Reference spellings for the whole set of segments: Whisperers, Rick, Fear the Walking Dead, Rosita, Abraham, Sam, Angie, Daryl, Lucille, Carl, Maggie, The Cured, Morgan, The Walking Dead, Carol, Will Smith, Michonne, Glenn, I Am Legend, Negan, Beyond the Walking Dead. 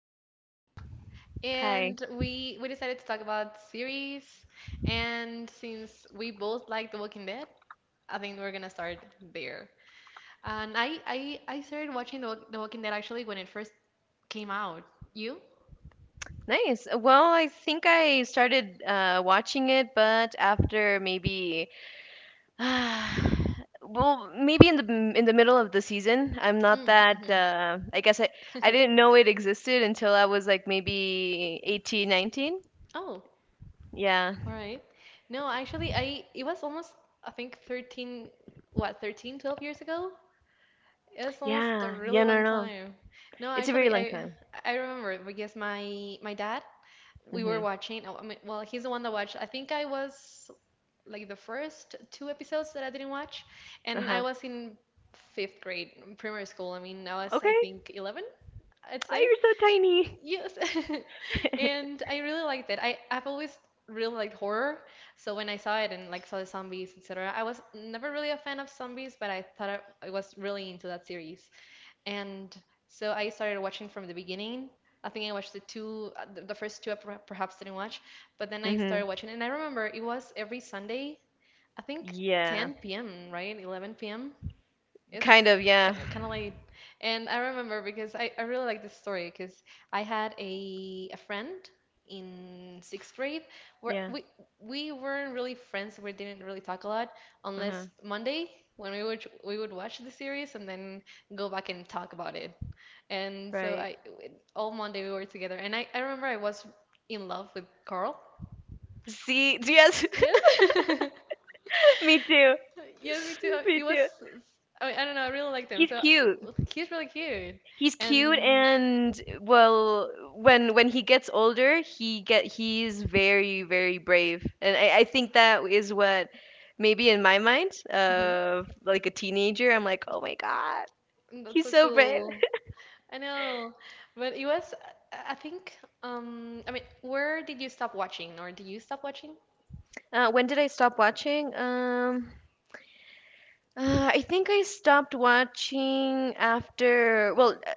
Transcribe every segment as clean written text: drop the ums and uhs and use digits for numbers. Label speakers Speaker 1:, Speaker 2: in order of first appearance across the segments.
Speaker 1: Alamari. Hi.
Speaker 2: and we decided to talk about series, and since we both like The Walking Dead, I think we're gonna start there. And I started watching The Walking Dead actually when it first came out. You?
Speaker 1: Nice. Well, I think I started watching it, but after maybe, well, maybe in the middle of the season. I'm not
Speaker 2: Mm,
Speaker 1: that.
Speaker 2: hmm.
Speaker 1: I didn't know it existed until I was like maybe 18, 19.
Speaker 2: Oh,
Speaker 1: Yeah.
Speaker 2: all right. No, actually, I it was almost I think 13, what, 13, 12 years ago. It's almost a
Speaker 1: Yeah. Yeah.
Speaker 2: really
Speaker 1: No.
Speaker 2: long
Speaker 1: No.
Speaker 2: time. No,
Speaker 1: It's a very
Speaker 2: actually,
Speaker 1: long time.
Speaker 2: I remember because my dad, we were
Speaker 1: Mhm.
Speaker 2: watching. Well, he's the one that watched. I think I was like the first two episodes that I didn't watch,
Speaker 1: Uh
Speaker 2: and I
Speaker 1: huh.
Speaker 2: was in 5th grade, primary school. I mean, I was I
Speaker 1: Okay.
Speaker 2: think 11, I'd
Speaker 1: Oh,
Speaker 2: say.
Speaker 1: you're so tiny.
Speaker 2: Yes. And I really liked it. I've always really liked horror, so when I saw it and like saw the zombies, etc., I was never really a fan of zombies, but I was really into that series. And so I started watching from the beginning. I think I watched the first two I per- perhaps didn't watch, but then I started
Speaker 1: Mhm.
Speaker 2: watching. And I remember it was every Sunday, I think
Speaker 1: Yeah.
Speaker 2: 10 p.m., right? 11 p.m. It's
Speaker 1: Kind of. Yeah.
Speaker 2: kind of late. And I remember because I really like this story because I had a friend in 6th grade where
Speaker 1: Yeah.
Speaker 2: we weren't really friends. We didn't really talk a lot
Speaker 1: Uh huh.
Speaker 2: unless Monday when we would watch the series and then go back and talk about it. And so
Speaker 1: Right.
Speaker 2: I all Monday we were together. And I remember I was in love with Carl.
Speaker 1: See, yes.
Speaker 2: Yes.
Speaker 1: Me too.
Speaker 2: Yes, me too.
Speaker 1: Me
Speaker 2: It was,
Speaker 1: too.
Speaker 2: I mean, I don't know, I really liked him.
Speaker 1: He's
Speaker 2: So
Speaker 1: cute.
Speaker 2: he's really cute.
Speaker 1: He's cute
Speaker 2: And,
Speaker 1: and well, when he gets older he get he's very brave and I think that is what maybe in my mind
Speaker 2: mhm,
Speaker 1: of like a teenager I'm like oh my god,
Speaker 2: and that's
Speaker 1: he's
Speaker 2: so
Speaker 1: so brave.
Speaker 2: cool. I know. But it was, I think, I mean, where did you stop watching? Or did you stop watching?
Speaker 1: When did I stop watching? I think I stopped watching after well, I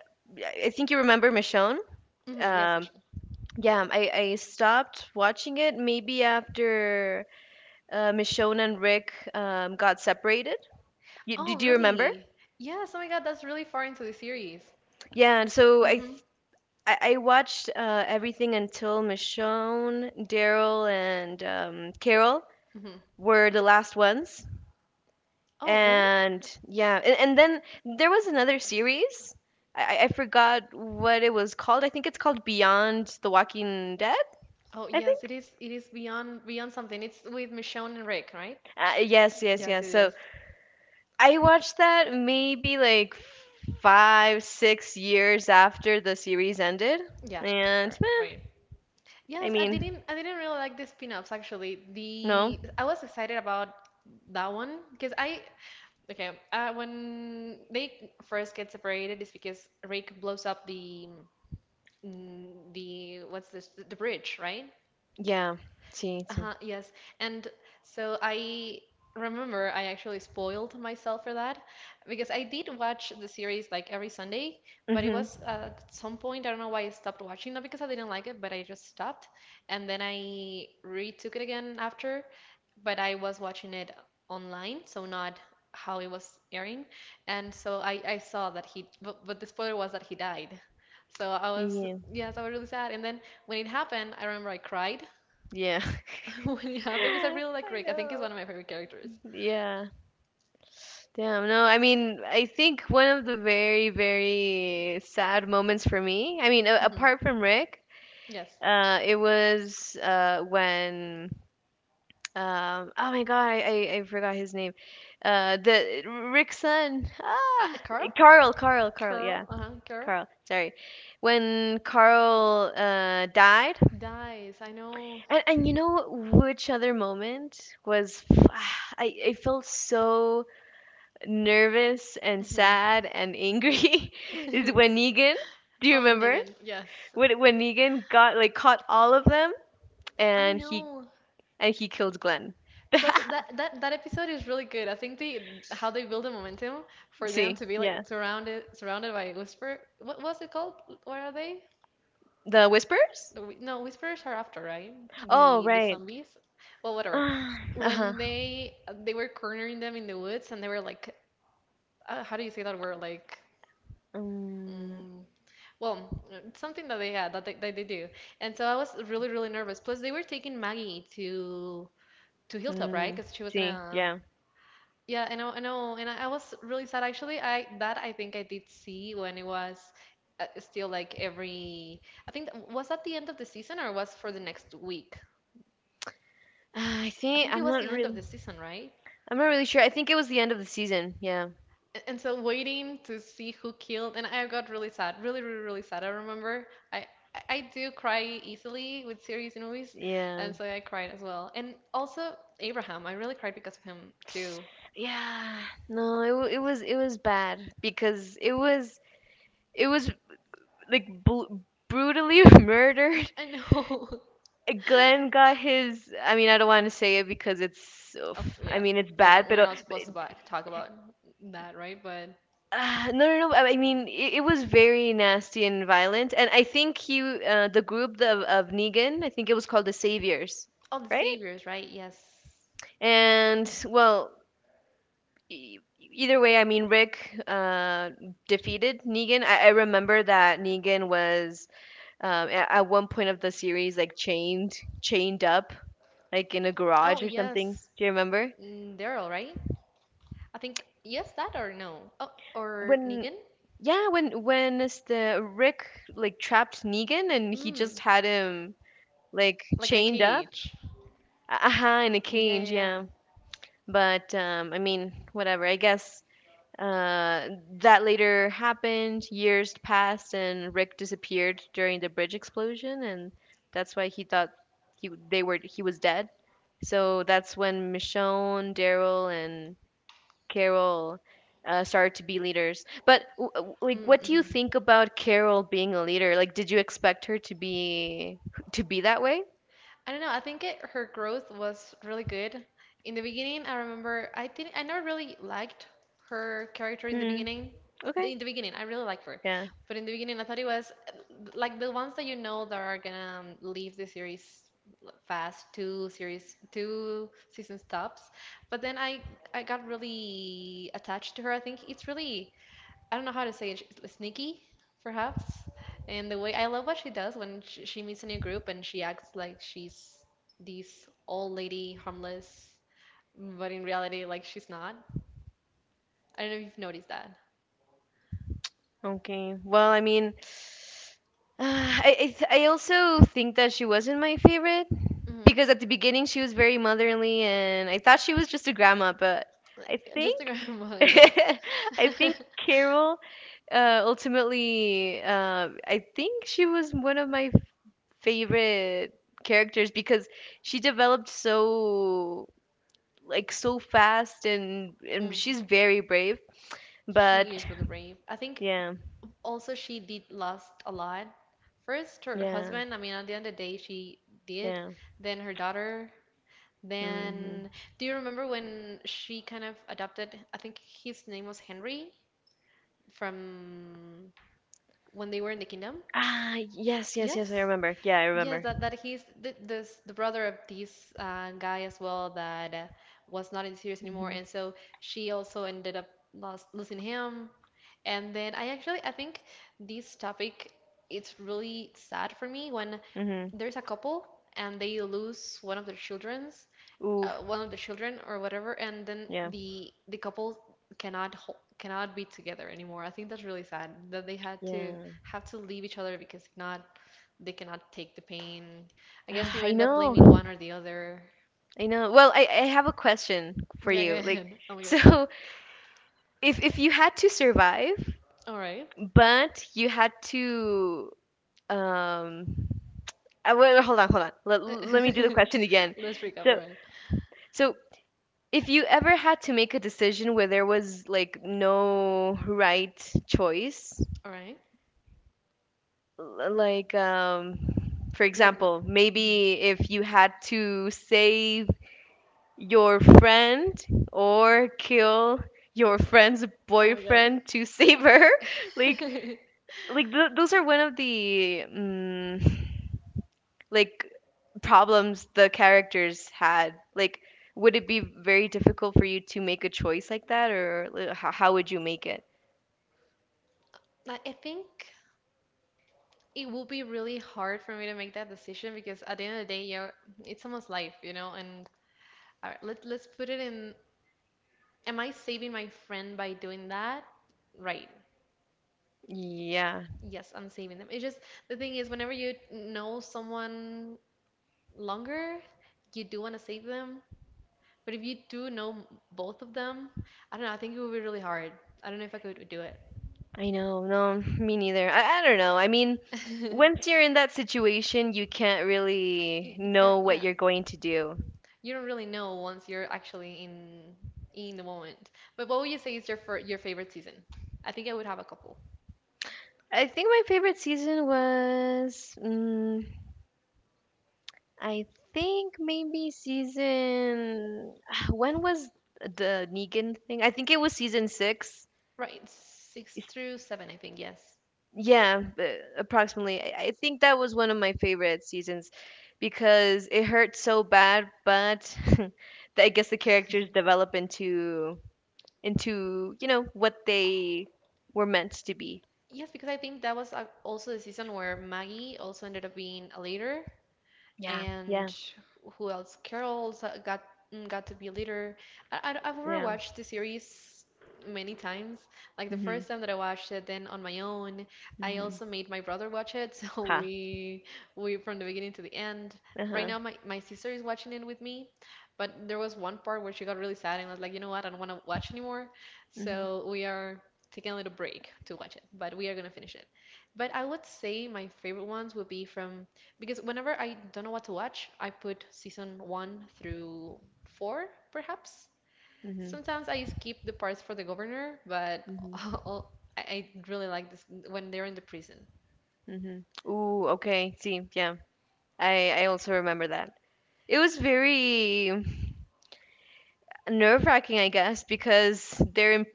Speaker 1: I think you remember Michonne,
Speaker 2: Hmm, yes,
Speaker 1: um,
Speaker 2: Michelle.
Speaker 1: yeah, I stopped watching it maybe after Michonne and Rick got separated. You,
Speaker 2: Oh,
Speaker 1: did you remember?
Speaker 2: really? Yes, oh my God, that's really far into the series.
Speaker 1: Yeah, and
Speaker 2: Hmm.
Speaker 1: I watched everything until Michonne, Daryl, and Carol
Speaker 2: Hmm.
Speaker 1: were the last ones.
Speaker 2: Oh, really?
Speaker 1: And yeah, and then there was another series. I forgot what it was called. I think it's called Beyond the Walking Dead.
Speaker 2: Oh,
Speaker 1: I
Speaker 2: yes,
Speaker 1: think.
Speaker 2: it is beyond, beyond something. It's with Michonne and Rick, right?
Speaker 1: Uh, yes, yes,
Speaker 2: Yes,
Speaker 1: yes.
Speaker 2: it
Speaker 1: So
Speaker 2: is.
Speaker 1: I watched that maybe like five, 6 years after the series ended.
Speaker 2: Yeah,
Speaker 1: And
Speaker 2: correct,
Speaker 1: meh,
Speaker 2: right.
Speaker 1: I
Speaker 2: Yes, I
Speaker 1: mean,
Speaker 2: didn't I didn't really like the spin-offs actually.
Speaker 1: no.
Speaker 2: The I was excited about that one because I okay, when they first get separated it's because Rick blows up the mm, the what's this the bridge, right?
Speaker 1: Yeah, see, too.
Speaker 2: Uh-huh, yes. And so I remember I actually spoiled myself for that because I did watch the series like every Sunday, but it
Speaker 1: Mm-hmm.
Speaker 2: was at some point, I don't know why I stopped watching, not because I didn't like it, but I just stopped. And then I retook it again after, but I was watching it online, so not how it was airing. And so I saw that he, but the spoiler was that he died. So I was,
Speaker 1: Yeah.
Speaker 2: yes, I was really sad. And then when it happened, I remember I cried.
Speaker 1: Yeah.
Speaker 2: When yeah, because I really like
Speaker 1: I
Speaker 2: Rick. I think he's
Speaker 1: know.
Speaker 2: one of my favorite characters.
Speaker 1: Yeah. Damn. No, I mean, I think one of the very sad moments for me, I mean,
Speaker 2: Hmm.
Speaker 1: apart from Rick,
Speaker 2: Yes.
Speaker 1: it was when oh my god, I forgot his name. The Rick's son. Ah,
Speaker 2: Carl?
Speaker 1: Carl.
Speaker 2: Carl?
Speaker 1: Yeah,
Speaker 2: Uh-huh, Carl?
Speaker 1: Carl. Sorry, when Carl died,
Speaker 2: Dies. I know.
Speaker 1: and you know which other moment was, I felt so nervous and
Speaker 2: Hmm.
Speaker 1: sad and angry is when Negan. Do you
Speaker 2: Oh,
Speaker 1: remember
Speaker 2: Negan. Yes.
Speaker 1: when Negan got like caught all of them
Speaker 2: I
Speaker 1: and he
Speaker 2: know.
Speaker 1: and he killed Glenn?
Speaker 2: Plus, that episode is really good. I think they how they build the momentum for them
Speaker 1: See,
Speaker 2: to be
Speaker 1: yeah,
Speaker 2: like surrounded by Whisper. What was it called? What are they?
Speaker 1: the Whispers.
Speaker 2: No, Whisperers are after, right?
Speaker 1: Oh,
Speaker 2: The
Speaker 1: right.
Speaker 2: zombies. Well, whatever.
Speaker 1: Uh-huh.
Speaker 2: When they were cornering them in the woods and they were like how do you say that word? Like,
Speaker 1: Mm,
Speaker 2: mm, well, it's something that they had that that they do. And so I was really, really nervous. Plus, they were taking Maggie to Hilltop, right?
Speaker 1: mm,
Speaker 2: Because she was in
Speaker 1: see,
Speaker 2: a
Speaker 1: yeah.
Speaker 2: yeah. I know, and I was really sad actually. I that I think I did see when it was still like every. I think that, was that the end of the season or was for the next week?
Speaker 1: Ah, I
Speaker 2: I
Speaker 1: think
Speaker 2: think it was the end of the season, right?
Speaker 1: I'm not really sure. I think it was the end of the season. Yeah.
Speaker 2: And so waiting to see who killed, and I got really sad, really, really, really sad. I remember I I do cry easily with series and movies,
Speaker 1: Yeah.
Speaker 2: and so I cried as well. And also Abraham, I really cried because of him too.
Speaker 1: Yeah. No, it was bad because it was like bl brutally murdered.
Speaker 2: I know.
Speaker 1: Glenn got his. I mean, I don't want to say it because it's
Speaker 2: Oh,
Speaker 1: oof. I
Speaker 2: yeah,
Speaker 1: mean, it's
Speaker 2: we're
Speaker 1: bad,
Speaker 2: not
Speaker 1: but
Speaker 2: we're not supposed to talk about that, right? But
Speaker 1: No. I mean, it was very nasty and violent. And I think he, the group the, of Negan, I think it was called the Saviors,
Speaker 2: oh, the
Speaker 1: right?
Speaker 2: saviors, right? Yes.
Speaker 1: And well, either way, I mean, Rick defeated Negan. I remember that Negan was, at one point of the series like chained up, like in a
Speaker 2: Oh,
Speaker 1: garage or something.
Speaker 2: yes.
Speaker 1: Do you remember
Speaker 2: Mm, Daryl, right? I think yes, that or no. Oh, or
Speaker 1: when?
Speaker 2: Negan?
Speaker 1: Yeah, when is the Rick like trapped Negan and he just
Speaker 2: Mm,
Speaker 1: had him like
Speaker 2: like in a
Speaker 1: chained up.
Speaker 2: cage.
Speaker 1: Aha, in a
Speaker 2: Yeah, yeah,
Speaker 1: cage,
Speaker 2: yeah.
Speaker 1: yeah. But I mean, whatever. I guess uh, that later happened. Years passed, and Rick disappeared during the bridge explosion, and that's why he thought he they were he was dead. So that's when Michonne, Daryl, and Carol started to be leaders. But like, what do you
Speaker 2: Mm-hmm.
Speaker 1: think about Carol being a leader? Like, did you expect her to be that way?
Speaker 2: I don't know. I think it, her growth was really good. In the beginning, I remember I never really liked her character in the
Speaker 1: Hmm.
Speaker 2: beginning.
Speaker 1: Okay.
Speaker 2: In the beginning, I really liked her, but in the beginning, I thought it was like the ones that you know that are gonna leave the series fast, two series, two season stops. But I got really attached to her. I think it's really I don't know how to say it, sneaky, perhaps. And the way I love what she does when she meets a new group and she acts like she's this old lady, harmless, but in reality, like she's not. I don't know if you've noticed that.
Speaker 1: Okay. Well, I mean, I also think that she wasn't my favorite
Speaker 2: Hmm.
Speaker 1: because at the beginning she was very motherly and I thought she was just a grandma, but I
Speaker 2: Just the
Speaker 1: think
Speaker 2: grandma, yes.
Speaker 1: I think Carol, ultimately, I think she was one of my favorite characters because she developed so so fast and
Speaker 2: Mm.
Speaker 1: she's very brave.
Speaker 2: She
Speaker 1: But
Speaker 2: is really brave. I think
Speaker 1: yeah,
Speaker 2: also she did lost a lot. First, her
Speaker 1: yeah,
Speaker 2: husband, I mean, at the end of the day, she did.
Speaker 1: yeah.
Speaker 2: Then her daughter.
Speaker 1: Hmm.
Speaker 2: Then, do you remember when she kind of adopted, I think his name was Henry from when they were in the kingdom?
Speaker 1: Ah, yes, yes, yes. I
Speaker 2: Yes.
Speaker 1: remember. Yeah, I
Speaker 2: Yes,
Speaker 1: remember.
Speaker 2: that he's the brother of this guy as well that was not in the series anymore.
Speaker 1: Mhm.
Speaker 2: And so she also ended up losing him. And then I actually, I think this topic, it's really sad for me when
Speaker 1: Mhm.
Speaker 2: there's a couple and they lose one of their children's
Speaker 1: Ooh.
Speaker 2: one of the children or whatever, and then
Speaker 1: Yeah.
Speaker 2: the couple cannot ho cannot be together anymore. I think that's really sad that they had to
Speaker 1: Yeah.
Speaker 2: have to leave each other because if not, they cannot take the pain. I guess
Speaker 1: Ah,
Speaker 2: you
Speaker 1: I
Speaker 2: end up blaming
Speaker 1: know.
Speaker 2: one or the other.
Speaker 1: I know. Well, I have a question for
Speaker 2: Yeah, go
Speaker 1: you. Like,
Speaker 2: ahead. Oh my God.
Speaker 1: so if you had to survive,
Speaker 2: All right.
Speaker 1: but you had to um. Wait, hold on, hold on. Let me do the question again.
Speaker 2: Let's recap.
Speaker 1: So
Speaker 2: All right.
Speaker 1: so if you ever had to make a decision where there was like no right choice,
Speaker 2: All right.
Speaker 1: like um, for
Speaker 2: Like,
Speaker 1: example
Speaker 2: mhm.
Speaker 1: maybe if you had to save your friend or kill your friend's
Speaker 2: Oh my God.
Speaker 1: boyfriend to save her like those are one of the like problems the characters had, like would it be very difficult for you to make a choice like that or like, how would you make it?
Speaker 2: Like, I think it will be really hard for me to make that decision because at the end of the day, yeah, it's someone's life, you know, and all right, let's put it in. Am I saving my friend by doing that? Right.
Speaker 1: Yeah,
Speaker 2: Yes, I'm saving them. It's just the thing is, whenever you know someone longer, you do want to save them. But if you do know both of them, I don't know. I think it would be really hard. I don't know if I could do
Speaker 1: I know, no, me neither. I don't know. I mean,
Speaker 2: it.
Speaker 1: once you're in that situation, you can't really
Speaker 2: Girl,
Speaker 1: know what
Speaker 2: yeah,
Speaker 1: you're going to do.
Speaker 2: you don't really know once you're actually in the moment. But what would you say is your fir your favorite season? I think I would have a couple.
Speaker 1: I think my favorite season was, mm, I think maybe season. When was the Negan thing? I think it was season six.
Speaker 2: Right, six through seven, I think. Yes.
Speaker 1: Yeah, approximately. I think that was one of my favorite seasons because it hurt so bad, but I guess the characters develop into you know what they were meant to be.
Speaker 2: Yes, because I think that was also the season where Maggie also ended up being a leader
Speaker 1: Yeah.
Speaker 2: and
Speaker 1: Yeah,
Speaker 2: who else? Carol's got to be a leader. I've
Speaker 1: yeah.
Speaker 2: overwatched the series many times. Like the
Speaker 1: Mhm.
Speaker 2: first time that I watched it, then on my own, I
Speaker 1: Mhm.
Speaker 2: also made my brother watch it. So
Speaker 1: Ha.
Speaker 2: we from the beginning to the end. Right
Speaker 1: Uh-huh.
Speaker 2: now, my sister is watching it with me, but there was one part where she got really sad and was like, you know what, I don't want to watch anymore.
Speaker 1: Mhm.
Speaker 2: So we are taking a little break to watch it, but we are gonna finish it. But I would say my favorite ones would be from because whenever I don't know what to watch, I put season one through four, perhaps.
Speaker 1: Mhm.
Speaker 2: Sometimes I skip the parts for the governor, but
Speaker 1: Mhm.
Speaker 2: I really like this when they're in the prison.
Speaker 1: Mhm. Ooh, okay. See, yeah. I also remember that. It was very nerve-wracking, I guess, because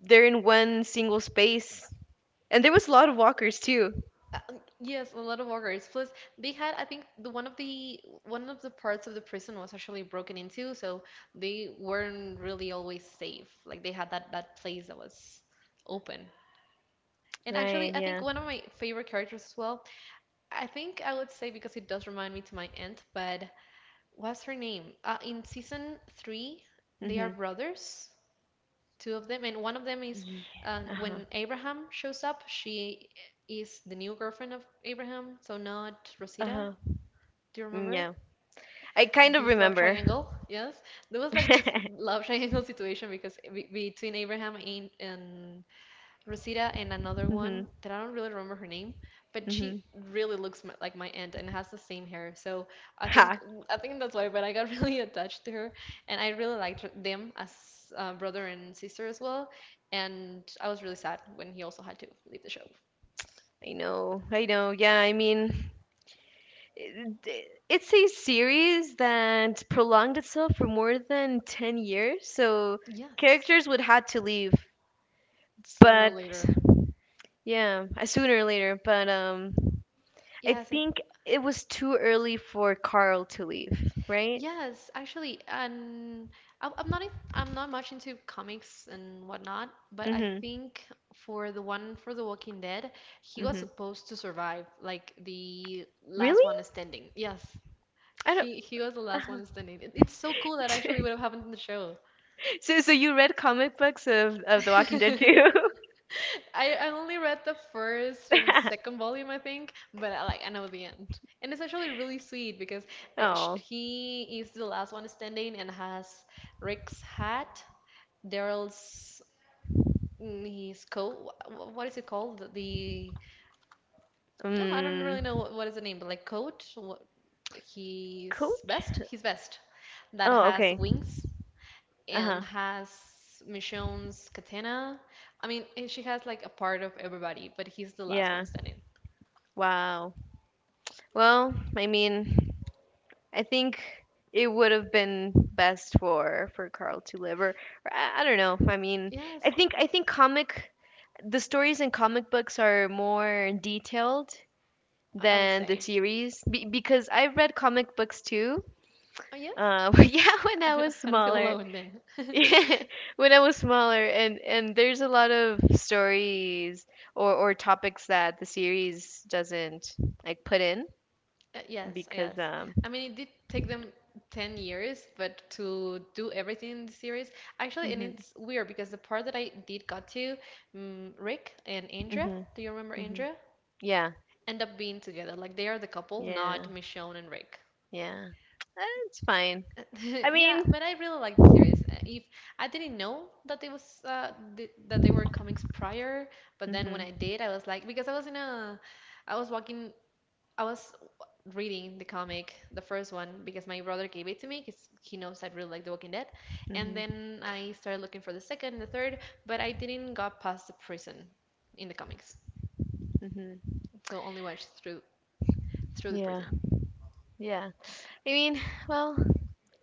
Speaker 1: they're in one single space. And there was a lot of walkers too.
Speaker 2: Yes, a lot of workers. Plus, they had, I think, the one of the parts of the prison was actually broken into, so they weren't really always safe. Like they had that place that was open. And
Speaker 1: Right,
Speaker 2: actually, I think
Speaker 1: yeah.
Speaker 2: one of my favorite characters as well I think I would say because it does remind me to my aunt, but what's her name? In season 3, they are
Speaker 1: Mhm.
Speaker 2: brothers, two of them, and one of them is
Speaker 1: Yeah. Uh-huh.
Speaker 2: when Abraham shows up, she is the new girlfriend of Abraham, so not Rosita.
Speaker 1: Uh-huh.
Speaker 2: Do you
Speaker 1: Mm,
Speaker 2: remember?
Speaker 1: yeah. I kind of
Speaker 2: This love
Speaker 1: remember.
Speaker 2: triangle, yes. There was like this love triangle situation because between Abraham and Rosita and another one
Speaker 1: Mhm.
Speaker 2: that I don't really remember her name, but she
Speaker 1: Mhm.
Speaker 2: really looks like my aunt and has the same hair. So I think
Speaker 1: Ha.
Speaker 2: I think that's why. But I got really attached to her, and I really liked them as brother and sister as well. And I was really sad when he also had to leave the show.
Speaker 1: I know, I know. Yeah, I mean, it's a series that prolonged itself for more than 10 years, so
Speaker 2: Yes,
Speaker 1: characters would had to leave.
Speaker 2: sooner or
Speaker 1: But
Speaker 2: later.
Speaker 1: yeah, sooner or later, but um, I
Speaker 2: Yes, and
Speaker 1: think it was too early for Carl to leave, right?
Speaker 2: Yes, actually, and I'm not much into comics and whatnot, but I
Speaker 1: Mhm.
Speaker 2: think for the one for The Walking Dead, he was
Speaker 1: Mhm.
Speaker 2: supposed to survive, like the last
Speaker 1: Really?
Speaker 2: one standing. Yes,
Speaker 1: I don't.
Speaker 2: he was the last one standing. It's so cool that actually would have happened in the show.
Speaker 1: So so you read comic books of The Walking Dead too?
Speaker 2: I only read the first and second volume, I think, but like I know the end. And it's actually really sweet because I, sh
Speaker 1: Oh.
Speaker 2: he is the last one standing and has Rick's hat, Daryl's his coat. What is it called? The Oh, I don't
Speaker 1: Mm,
Speaker 2: really know what is the name, but like coat, what, his
Speaker 1: coach?
Speaker 2: vest, his vest that
Speaker 1: Oh,
Speaker 2: has
Speaker 1: okay.
Speaker 2: wings
Speaker 1: Uh-huh.
Speaker 2: and has Michonne's katana. I mean, and she has like a part of everybody, but he's the last
Speaker 1: Yeah.
Speaker 2: one standing.
Speaker 1: Wow. Well, I mean, I think it would have been best for Carl to live, or I don't know. I mean,
Speaker 2: Yes,
Speaker 1: I think comic the stories in comic books are more detailed
Speaker 2: I would
Speaker 1: than the
Speaker 2: say.
Speaker 1: series because I've read comic books too.
Speaker 2: Oh, yes?
Speaker 1: Yeah, when
Speaker 2: I
Speaker 1: I
Speaker 2: don't,
Speaker 1: was
Speaker 2: I don't feel
Speaker 1: smaller.
Speaker 2: alone then.
Speaker 1: Yeah, when I was smaller, and there's a lot of stories or topics that the series doesn't like put in
Speaker 2: Yes,
Speaker 1: because
Speaker 2: yes.
Speaker 1: um,
Speaker 2: I mean, it did take them 10 years, but to do everything in the series, actually, and
Speaker 1: mhm,
Speaker 2: it's weird because the part that I did got to, Rick and Indra,
Speaker 1: mhm,
Speaker 2: do you remember
Speaker 1: mhm.
Speaker 2: Indra?
Speaker 1: Yeah,
Speaker 2: End up being together. Like, they are the couple,
Speaker 1: yeah,
Speaker 2: not Michonne and Rick.
Speaker 1: yeah. Eh, it's fine. I
Speaker 2: Yeah,
Speaker 1: mean,
Speaker 2: but I really like the series. If I didn't know that it was th that they were comics prior, but then when
Speaker 1: mhm,
Speaker 2: I did, I was like, because I was walking, I was reading the comic, the first one, because my brother gave it to me, because he knows I really like The Walking Dead, and
Speaker 1: mhm,
Speaker 2: then I started looking for the second, the third, but I didn't got past the prison in the comics,
Speaker 1: mhm.
Speaker 2: so only watched through the
Speaker 1: Yeah,
Speaker 2: prison.
Speaker 1: yeah. I mean, well,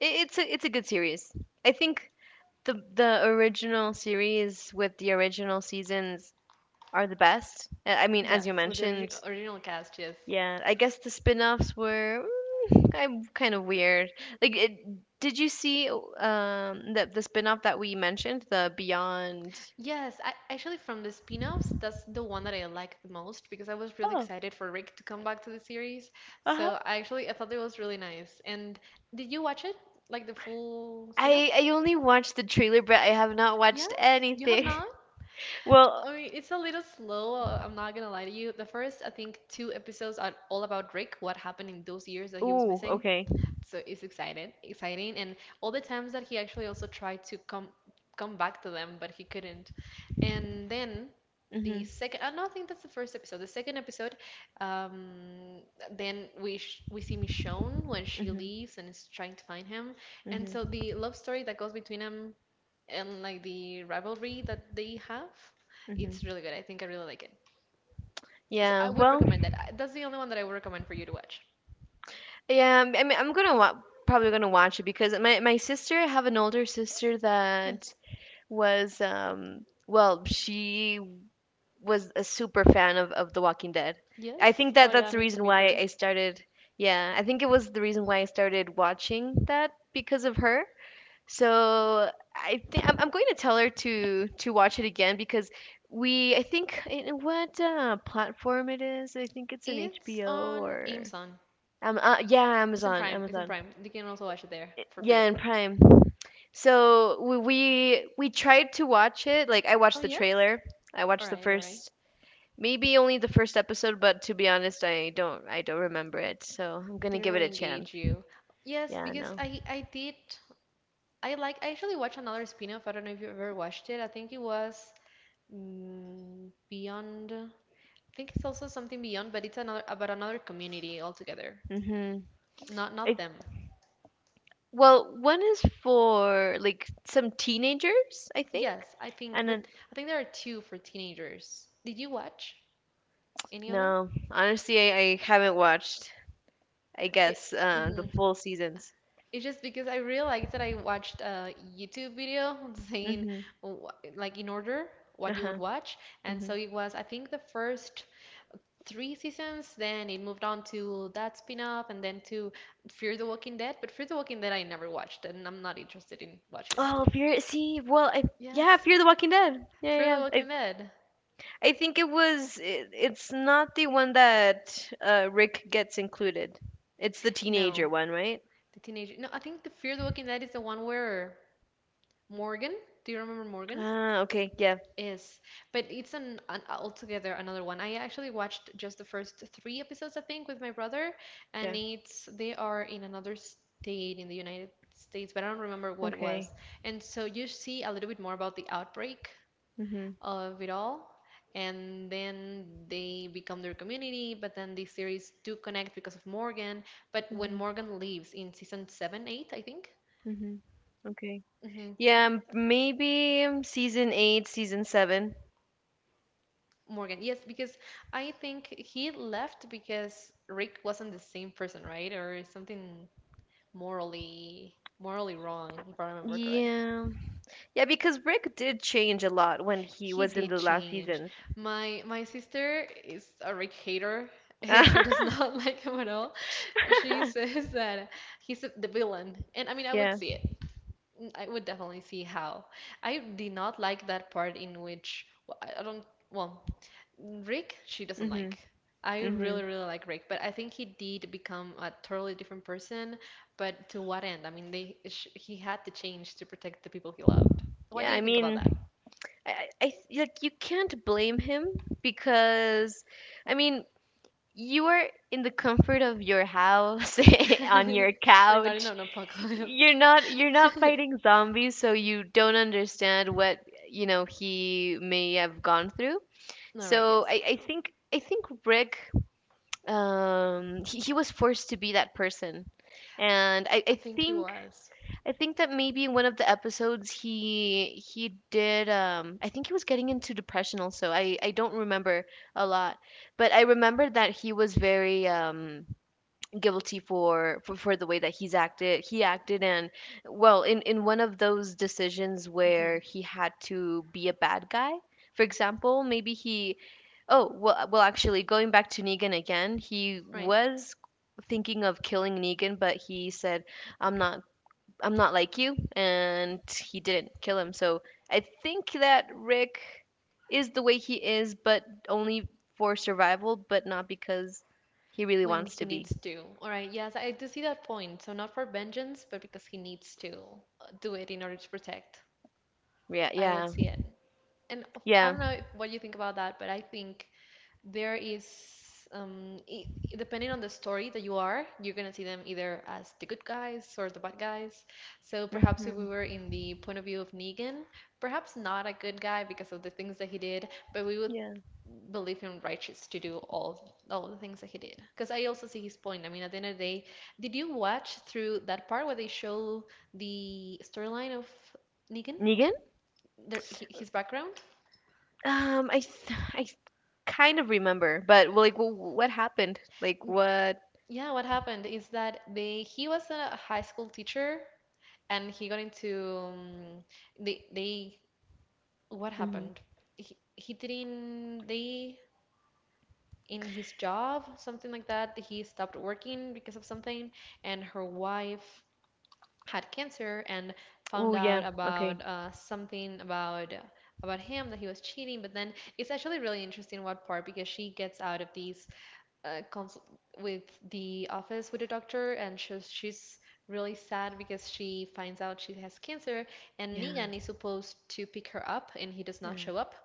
Speaker 1: it's a good series. I think the original series with the original seasons are the best. I mean, as you
Speaker 2: Yes, with the
Speaker 1: mentioned,
Speaker 2: original cast, yes.
Speaker 1: yeah. I guess the spin-offs were, mm, I'm kind of weird. Like, it, did you see um, the spin-off that we mentioned, the Beyond?
Speaker 2: Yes, actually, from the spin-offs, that's the one that I liked the most because I was really
Speaker 1: Oh.
Speaker 2: excited for Rick to come back to the series.
Speaker 1: Uh
Speaker 2: So I actually I thought it was really nice. And did you watch it? Like the full spin-off?
Speaker 1: I only watched the trailer, but I have not watched
Speaker 2: Yes, you have
Speaker 1: anything.
Speaker 2: not?
Speaker 1: Well,
Speaker 2: I mean, it's a little slow, I'm not gonna lie to you. The first, I think, two episodes are all about Rick, what happened in those years that he was
Speaker 1: ooh,
Speaker 2: missing.
Speaker 1: okay.
Speaker 2: So it's exciting, and all the times that he actually also tried to come back to them, but he couldn't. And then the
Speaker 1: Mhm.
Speaker 2: second, no, I don't think that's the first episode. The second episode, um, then we see Michonne when she
Speaker 1: Mhm.
Speaker 2: leaves and is trying to find him, and so
Speaker 1: Mhm.
Speaker 2: the love story that goes between them and like the rivalry that they have,
Speaker 1: Mhm.
Speaker 2: it's really good. I think I really like it. So I
Speaker 1: Yeah.
Speaker 2: would
Speaker 1: Well,
Speaker 2: recommend that. That's the only one that I would recommend for you to watch.
Speaker 1: yeah, I mean I'm gonna probably gonna watch it because my sister, I have an older sister
Speaker 2: Yes.
Speaker 1: that was um, well, she was a super fan of The Walking Dead. I
Speaker 2: Yes.
Speaker 1: think
Speaker 2: Oh
Speaker 1: that
Speaker 2: my God, I
Speaker 1: that's the
Speaker 2: need to
Speaker 1: reason
Speaker 2: meet
Speaker 1: why
Speaker 2: her.
Speaker 1: I started, yeah, I think it was the reason why I started watching that because of her. So I think I'm going to tell her to watch it again because we I think in what platform it is. I think it's an
Speaker 2: It's
Speaker 1: HBO
Speaker 2: on
Speaker 1: or
Speaker 2: Amazon.
Speaker 1: yeah,
Speaker 2: It's in Prime. It's in
Speaker 1: Amazon
Speaker 2: Prime. You can also watch it there for
Speaker 1: yeah
Speaker 2: free.
Speaker 1: and Prime. So we tried to watch it. Like I
Speaker 2: Oh,
Speaker 1: watched the
Speaker 2: yes?
Speaker 1: trailer. I
Speaker 2: All
Speaker 1: watched the
Speaker 2: right, all right.
Speaker 1: first maybe only the first episode, but to be honest, I don't remember it. So I'm gonna
Speaker 2: They
Speaker 1: give it
Speaker 2: really
Speaker 1: a chance.
Speaker 2: engage you. Yes,
Speaker 1: Yeah,
Speaker 2: because
Speaker 1: no.
Speaker 2: I did. I actually watched another spin-off. I don't know if you ever watched it. I think it was Beyond. I think it's also something Beyond, but it's another about another community altogether.
Speaker 1: Mhm.
Speaker 2: Not
Speaker 1: I
Speaker 2: not them.
Speaker 1: well, one is for like some teenagers, I think.
Speaker 2: Yes, I think,
Speaker 1: And
Speaker 2: but
Speaker 1: then
Speaker 2: I think there are two for teenagers. Did you watch any of them?
Speaker 1: no, honestly, I haven't watched, I
Speaker 2: It,
Speaker 1: guess, the
Speaker 2: mhm.
Speaker 1: full seasons.
Speaker 2: It's just because I realized that I watched a YouTube video saying,
Speaker 1: Mhm.
Speaker 2: like, in order what you would
Speaker 1: Uh-huh.
Speaker 2: watch. And so
Speaker 1: Mhm.
Speaker 2: it was, I think, the first three seasons, then it moved on to that spin off, and then to Fear the Walking Dead. But Fear the Walking Dead I never watched, and I'm not interested in watching,
Speaker 1: Oh,
Speaker 2: actually.
Speaker 1: Fear. See, well, I yeah,
Speaker 2: Yes,
Speaker 1: Fear the Walking Dead. Yeah,
Speaker 2: Fear the
Speaker 1: yeah, yeah.
Speaker 2: Walking Dead.
Speaker 1: I think it was it's not the one that Rick gets included. It's the
Speaker 2: No,
Speaker 1: teenager one, right?
Speaker 2: the teenager. No, I think the Fear the Walking Dead is the one where Morgan, do you remember Morgan?
Speaker 1: Ah, okay. Yeah.
Speaker 2: Is, but it's an altogether another one. I actually watched just the first three episodes, I think, with my brother, and
Speaker 1: Yeah.
Speaker 2: it's they are in another state in the United States, but I don't remember what it was.
Speaker 1: Okay.
Speaker 2: And so you see a little bit more about the outbreak
Speaker 1: Mhm.
Speaker 2: of it all, and then they become their community, but then the series do connect because of Morgan. But when
Speaker 1: Mhm.
Speaker 2: Morgan leaves in season seven, eight, I think.
Speaker 1: Mhm. Okay.
Speaker 2: Mhm.
Speaker 1: Yeah, maybe season 8, season 7.
Speaker 2: Morgan, yes, because I think he left because Rick wasn't the same person, right? Or something morally wrong, if I remember correct.
Speaker 1: Yeah. Yeah, because Rick did change a lot when he
Speaker 2: He
Speaker 1: was in
Speaker 2: did
Speaker 1: the last
Speaker 2: change.
Speaker 1: seasons.
Speaker 2: My sister is a Rick hater. She does not like him at all. She says that he's the villain, and I mean I would
Speaker 1: Yeah.
Speaker 2: see it. I would definitely see how. I did not like that part in which well, I don't. Well, Rick she doesn't like.
Speaker 1: Mhm.
Speaker 2: I
Speaker 1: Mhm.
Speaker 2: really really like Rick, but I think he did become a totally different person. But to what end? I mean, they sh he had to change to protect the people he loved. What
Speaker 1: Yeah,
Speaker 2: do
Speaker 1: I
Speaker 2: you think about
Speaker 1: mean,
Speaker 2: that?
Speaker 1: like you can't blame him because I mean you are in the comfort of your house on your
Speaker 2: We're not in
Speaker 1: couch,
Speaker 2: an apocalypse.
Speaker 1: you're
Speaker 2: All
Speaker 1: not fighting zombies so you don't understand what you know he may have gone through.
Speaker 2: right,
Speaker 1: So
Speaker 2: yes.
Speaker 1: I think I think Rick, he was forced to be that person. And I,
Speaker 2: I
Speaker 1: I
Speaker 2: think he
Speaker 1: think
Speaker 2: was.
Speaker 1: that maybe in one of the episodes he did um, I think he was getting into depression also. I don't remember a lot. But I remember that he was very guilty for the way that he acted and well in one of those decisions
Speaker 2: hmm
Speaker 1: where he had to be a bad guy. For example, maybe he— oh, well, actually, going back to Negan again, he
Speaker 2: Right.
Speaker 1: was thinking of killing Negan, but he said, "I'm not— I'm not like you," and he didn't kill him. So I think that Rick is the way he is, but only for survival, but not because he really
Speaker 2: When
Speaker 1: wants
Speaker 2: he
Speaker 1: to be.
Speaker 2: needs to. All right, yes, I do see that point. So not for vengeance, but because he needs to do it in order to protect.
Speaker 1: Yeah,
Speaker 2: I would
Speaker 1: yeah,
Speaker 2: see it. And I
Speaker 1: yeah.
Speaker 2: don't know if, what you think about that, but I think there is I depending on the story that you are, you're gonna see them either as the good guys or the bad guys. So perhaps if we
Speaker 1: Hmm.
Speaker 2: were in the point of view of Negan, perhaps not a good guy because of the things that he did, but we would
Speaker 1: Yeah.
Speaker 2: believe him righteous to do all the things that he did. Because I also see his point. I mean, at the end of the day, did you watch through that part where they show the storyline of Negan,
Speaker 1: Negan?
Speaker 2: their, his background?
Speaker 1: Um, I, th- I th- Kind of remember, but well, like, what happened? Like, what?
Speaker 2: Yeah, what happened is that they he was a high school teacher, and he got into they what
Speaker 1: Hmm.
Speaker 2: happened? He didn't they in his job something like that. He stopped working because of something, and her wife had cancer and
Speaker 1: Oh,
Speaker 2: found out
Speaker 1: yeah. Okay.
Speaker 2: about something about him that he was cheating. But then it's actually really interesting what part because she gets out of these consult with the office with the doctor and she's really sad because she finds out she has cancer and
Speaker 1: Yeah,
Speaker 2: Negan is supposed to pick her up and he does not
Speaker 1: yeah,
Speaker 2: show up.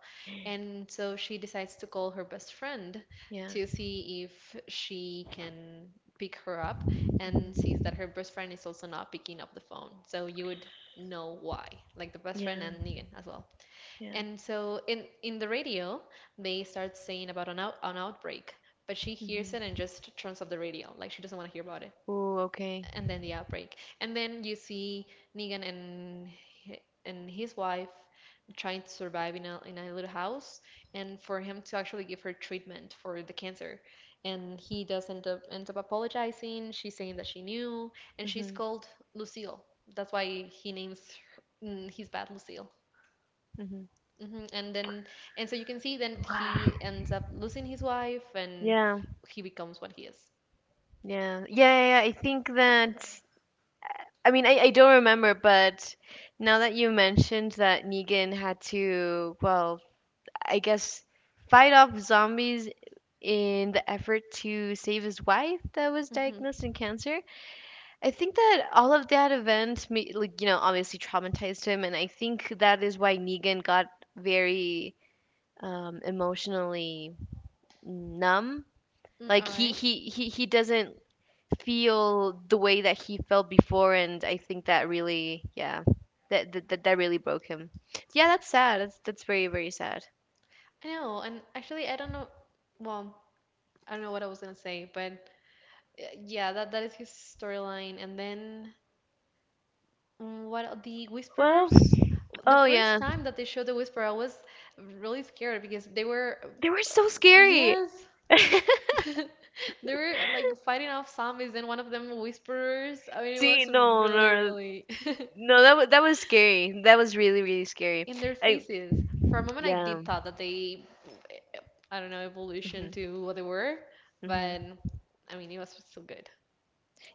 Speaker 2: And so she decides to call her best friend
Speaker 1: yeah.
Speaker 2: to see if she can pick her up and
Speaker 1: Hmm.
Speaker 2: sees that her best friend is also not picking up the phone. So you would know why, like the best friend
Speaker 1: Yeah,
Speaker 2: and Negan as well.
Speaker 1: yeah.
Speaker 2: And so in the radio, they start saying about an outbreak, but she hears
Speaker 1: Hmm.
Speaker 2: it and just turns off the radio, like she doesn't want to hear about it
Speaker 1: Oh, okay.
Speaker 2: and then the outbreak. And then you see Negan and his wife trying to survive in a little house, and for him to actually give her treatment for the cancer. And he does end up apologizing. She's saying that she knew, and she's
Speaker 1: Hmm.
Speaker 2: called Lucille. That's why he names her, his bat Lucille.
Speaker 1: Hmm.
Speaker 2: hmm And then and so you can see then
Speaker 1: Wow.
Speaker 2: he ends up losing his wife, and
Speaker 1: Yeah,
Speaker 2: he becomes what he is.
Speaker 1: yeah, yeah, yeah, yeah, I think that. I mean, I don't remember, but now that you mentioned that Negan had to, well, I guess, fight off zombies in the effort to save his wife that was
Speaker 2: Mm-hmm.
Speaker 1: diagnosed in cancer. I think that all of that event, like, you know, obviously traumatized him. And I think that is why Negan got very emotionally numb. Like,
Speaker 2: All right.
Speaker 1: he doesn't feel the way that he felt before. And I think that really, yeah, that really broke him. Yeah, that's sad. That's very, very sad.
Speaker 2: I know, and actually, I don't know. Well, I don't know what I was gonna say, but yeah, that is his storyline. And then what are the
Speaker 1: Well,
Speaker 2: Whisperers? The
Speaker 1: oh
Speaker 2: first
Speaker 1: yeah.
Speaker 2: time that they showed the Whisperer, I was really scared because they were,
Speaker 1: They were so scary.
Speaker 2: yes, they were like fighting off zombies, and one of them Whisperers. I mean, it
Speaker 1: See,
Speaker 2: was really, really
Speaker 1: no. That was scary. That was really, really scary.
Speaker 2: in their
Speaker 1: I—
Speaker 2: faces. For a moment, I
Speaker 1: yeah.
Speaker 2: did thought that they, I don't know, evolution
Speaker 1: Hmm.
Speaker 2: to what they were, but
Speaker 1: Hmm.
Speaker 2: I mean, it was so good.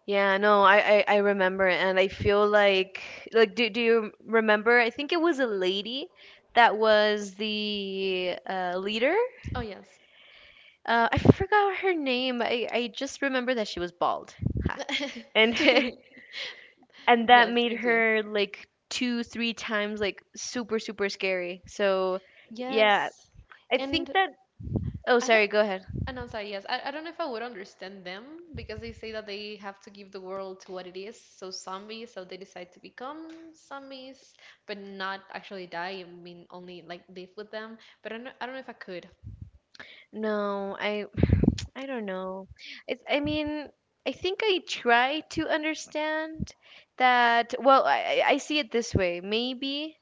Speaker 1: Yeah, no, I remember, and I feel like— like, do you remember? I think it was a lady that was the leader.
Speaker 2: Oh, yes.
Speaker 1: I forgot her name. I just remember that she was bald. Ha. And and that
Speaker 2: Yes,
Speaker 1: made
Speaker 2: me too.
Speaker 1: her like 2, 3 times like super super scary. So yeah,
Speaker 2: Yes.
Speaker 1: I think
Speaker 2: And
Speaker 1: that. Oh,
Speaker 2: I don't,
Speaker 1: sorry. Go ahead.
Speaker 2: and I'm sorry, yes, I don't know if I would understand them because they say that they have to give the world to what it is. So zombies, so they decide to become zombies, but not actually die. I mean, only like live with them. But I don't know if I could.
Speaker 1: No, I I don't know. I mean, I think I try to understand that. Well, I see it this way. Maybe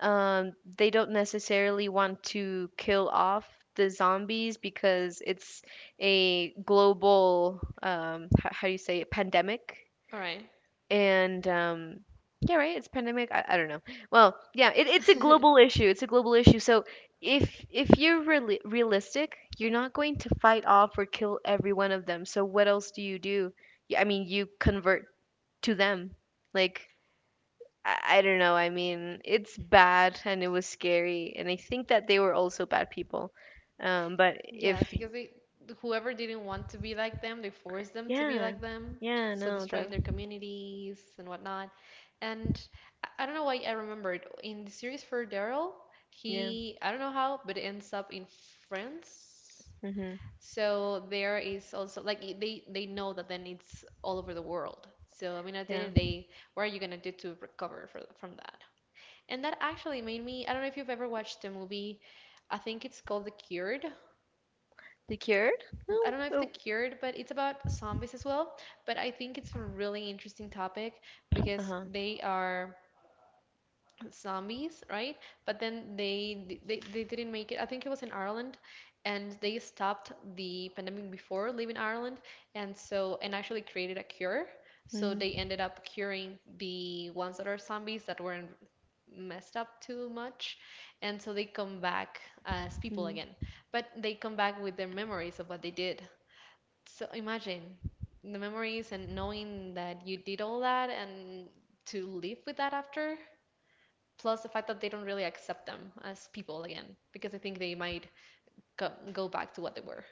Speaker 1: they don't necessarily want to kill off the zombies because it's a global, how, do you say it, pandemic,
Speaker 2: All right.
Speaker 1: and yeah, right, it's pandemic. I don't know, well, yeah, it's a global issue, it's a global issue. So if you're really realistic, you're not going to fight off or kill every one of them, so what else do you do? Yeah, I mean, you convert to them, like, I don't know, I mean, it's bad and it was scary, and I think that they were also bad people. Um, but if—
Speaker 2: Yes, because they whoever didn't want to be like them, they forced them to be
Speaker 1: yeah,
Speaker 2: like them,
Speaker 1: yeah,
Speaker 2: so
Speaker 1: no, that—
Speaker 2: destroying their communities and whatnot. And I don't know why I remembered in the series for Daryl,
Speaker 1: yeah.
Speaker 2: he I don't know how, but it ends up in France.
Speaker 1: Mhm.
Speaker 2: So there is also like they know that then it's all over the world. So I mean, at the
Speaker 1: Yeah.
Speaker 2: end of the day, what are you gonna do to from that? And that actually made me, I don't know if you've ever watched the movie, I think it's called The Cured.
Speaker 1: The Cured? No.
Speaker 2: I don't know if The
Speaker 1: Oh,
Speaker 2: Cured, but it's about zombies as well. But I think it's a really interesting topic because
Speaker 1: uh-huh.
Speaker 2: they are zombies, right? But then they didn't make it. I think it was in Ireland, and they stopped the pandemic before leaving Ireland, and so and actually created a cure. So
Speaker 1: Mm-hmm.
Speaker 2: they ended up curing the ones that are zombies that weren't messed up too much, and so they come back as people again. But they come back with their memories of what they did. So imagine the memories and knowing that you did all that and to live with that after, plus the fact that they don't really accept them as people again, because I think they might go back to what they were.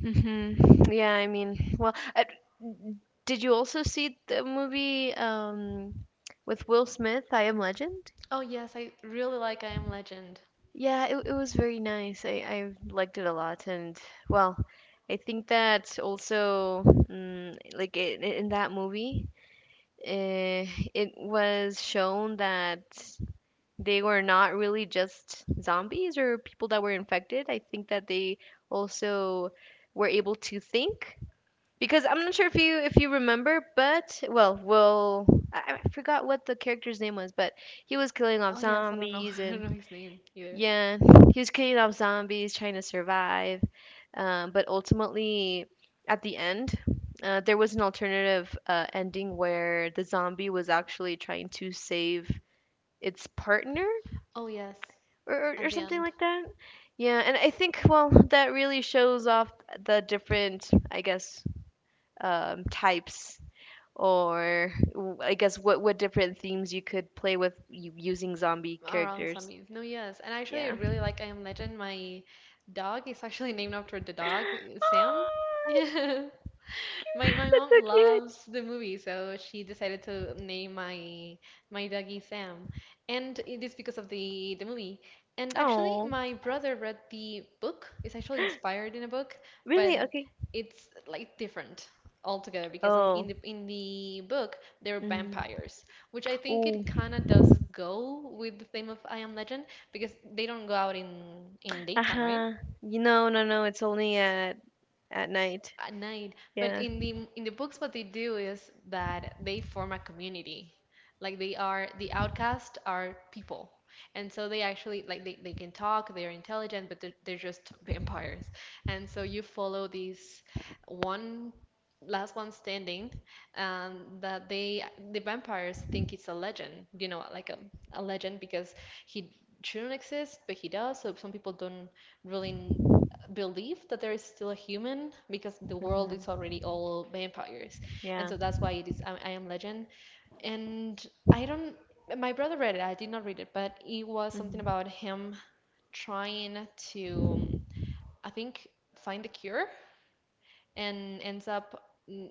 Speaker 1: Hmm. Yeah, I mean, well, I— did you also see the movie with Will Smith, I Am Legend?
Speaker 2: Oh, yes, I really like I Am Legend.
Speaker 1: Yeah, it was very nice. I liked it a lot, and well, I think that also, mm, like, in that movie, uh, it was shown that they were not really just zombies or people that were infected. I think that they also were able to think, because I'm not sure if you remember, but well, I forgot what the character's name was, but he was killing off
Speaker 2: Oh, yes, I don't know.
Speaker 1: zombies,
Speaker 2: I don't know
Speaker 1: and
Speaker 2: his name either.
Speaker 1: yeah, he was killing off zombies trying to survive. But ultimately, at the end, there was an alternative ending where the zombie was actually trying to save its partner,
Speaker 2: Oh, yes,
Speaker 1: or
Speaker 2: at the
Speaker 1: something
Speaker 2: end,
Speaker 1: like that. Yeah, and I think well that really shows off the different, I guess, types or I guess what different themes you could play with using zombie
Speaker 2: around
Speaker 1: characters.
Speaker 2: zombies. No, yes. And actually, I
Speaker 1: Yeah.
Speaker 2: really like I Am Legend. My dog is actually named after the dog, Sam.
Speaker 1: Ah,
Speaker 2: Yeah. My
Speaker 1: that's
Speaker 2: mom
Speaker 1: so cute.
Speaker 2: loves the movie, so she decided to name my doggy Sam, and it is because of the movie. And actually,
Speaker 1: Oh,
Speaker 2: my brother read the book. It's actually inspired in a book,
Speaker 1: really?
Speaker 2: but
Speaker 1: Okay.
Speaker 2: it's like different altogether because on,
Speaker 1: Oh.
Speaker 2: in the book they're
Speaker 1: Mm.
Speaker 2: vampires, which I think
Speaker 1: Oh.
Speaker 2: it kind of does go with the theme of I Am Legend because they don't go out in daytime, right?
Speaker 1: Uh-huh. You know, no, no. It's only at— at night.
Speaker 2: At night. But
Speaker 1: Yeah.
Speaker 2: in the books, what they do is that they form a community. Like they are the outcasts are people, and so they actually like they can talk. They are intelligent, but they're just vampires. And so you follow these one last one standing that they the vampires think it's a legend, you know, like a legend because he shouldn't exist but he does, so some people don't really belief that there is still a human because the world is
Speaker 1: Hmm.
Speaker 2: already all vampires. And
Speaker 1: Yeah.
Speaker 2: so that's why it is I Am Legend. And I don't, my brother read it, I did not read it, but it was something
Speaker 1: Hmm.
Speaker 2: about him trying to, I think, find a cure and ends up mm,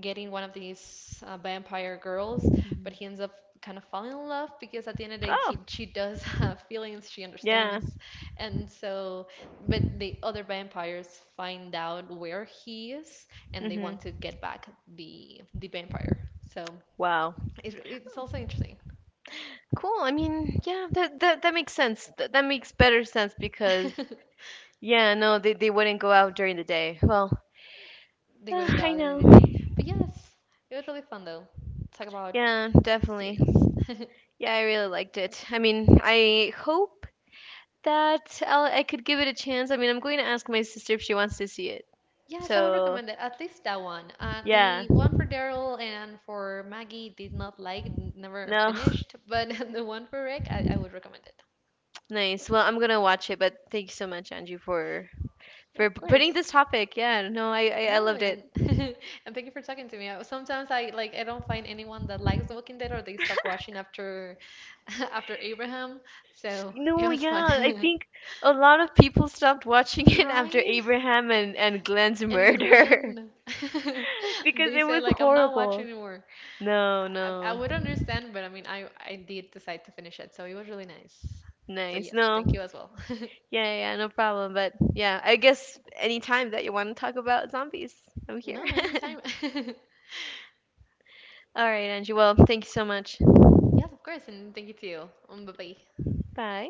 Speaker 2: getting one of these vampire girls, but
Speaker 1: Hmm.
Speaker 2: he ends up kind of falling in love because at the end of the day,
Speaker 1: Oh.
Speaker 2: he, she does have feelings, she
Speaker 1: Yeah.
Speaker 2: understands. And so, but the other vampires find out where he is and they
Speaker 1: Hmm.
Speaker 2: want to get back the vampire. So
Speaker 1: Wow.
Speaker 2: it, it's also interesting.
Speaker 1: Cool. I mean, yeah, that that that makes sense. That that makes better sense because— yeah, no, they wouldn't go out during the day. Well,
Speaker 2: They wouldn't go
Speaker 1: I
Speaker 2: out during
Speaker 1: know.
Speaker 2: the day. But yes, it was really fun though. Talk about
Speaker 1: Yeah, definitely.
Speaker 2: series.
Speaker 1: Yeah, I really liked it. I mean, I hope that I'll— I could give it a chance. I mean, I'm going to ask my sister if she wants to see it.
Speaker 2: Yes, I would
Speaker 1: So,
Speaker 2: recommend it. At least that one.
Speaker 1: yeah.
Speaker 2: The one for Daryl and for Maggie did not like, n- never
Speaker 1: No,
Speaker 2: finished. But the one for Rick, I would recommend it.
Speaker 1: nice. Well, I'm gonna watch it, but thank you so much, Angie, for
Speaker 2: Yeah, of
Speaker 1: putting
Speaker 2: course.
Speaker 1: this topic. Yeah, no, I
Speaker 2: No,
Speaker 1: loved it.
Speaker 2: and and thank you for talking to me. I- Sometimes I like I don't find anyone that likes The Walking Dead or they stopped watching after after Abraham. So it
Speaker 1: No,
Speaker 2: was fun.
Speaker 1: yeah, I think a lot of people stopped watching it after
Speaker 2: Ryan
Speaker 1: Abraham and Glenn's
Speaker 2: and
Speaker 1: murder
Speaker 2: Glenn,
Speaker 1: because
Speaker 2: they
Speaker 1: it
Speaker 2: said
Speaker 1: was
Speaker 2: like I'm not watching
Speaker 1: horrible.
Speaker 2: anymore.
Speaker 1: No,
Speaker 2: I
Speaker 1: no.
Speaker 2: would understand, but I mean, I did decide to finish it, so it was really nice. So,
Speaker 1: Nice.
Speaker 2: yes, thank
Speaker 1: No.
Speaker 2: you as well.
Speaker 1: Yeah, yeah, yeah, no problem. But yeah, I guess anytime that you want to talk about zombies, I'm here.
Speaker 2: No, anytime.
Speaker 1: All right, Angie. Well, thank you so much.
Speaker 2: Yes, of course, and thank you too. Bye bye.
Speaker 1: Bye.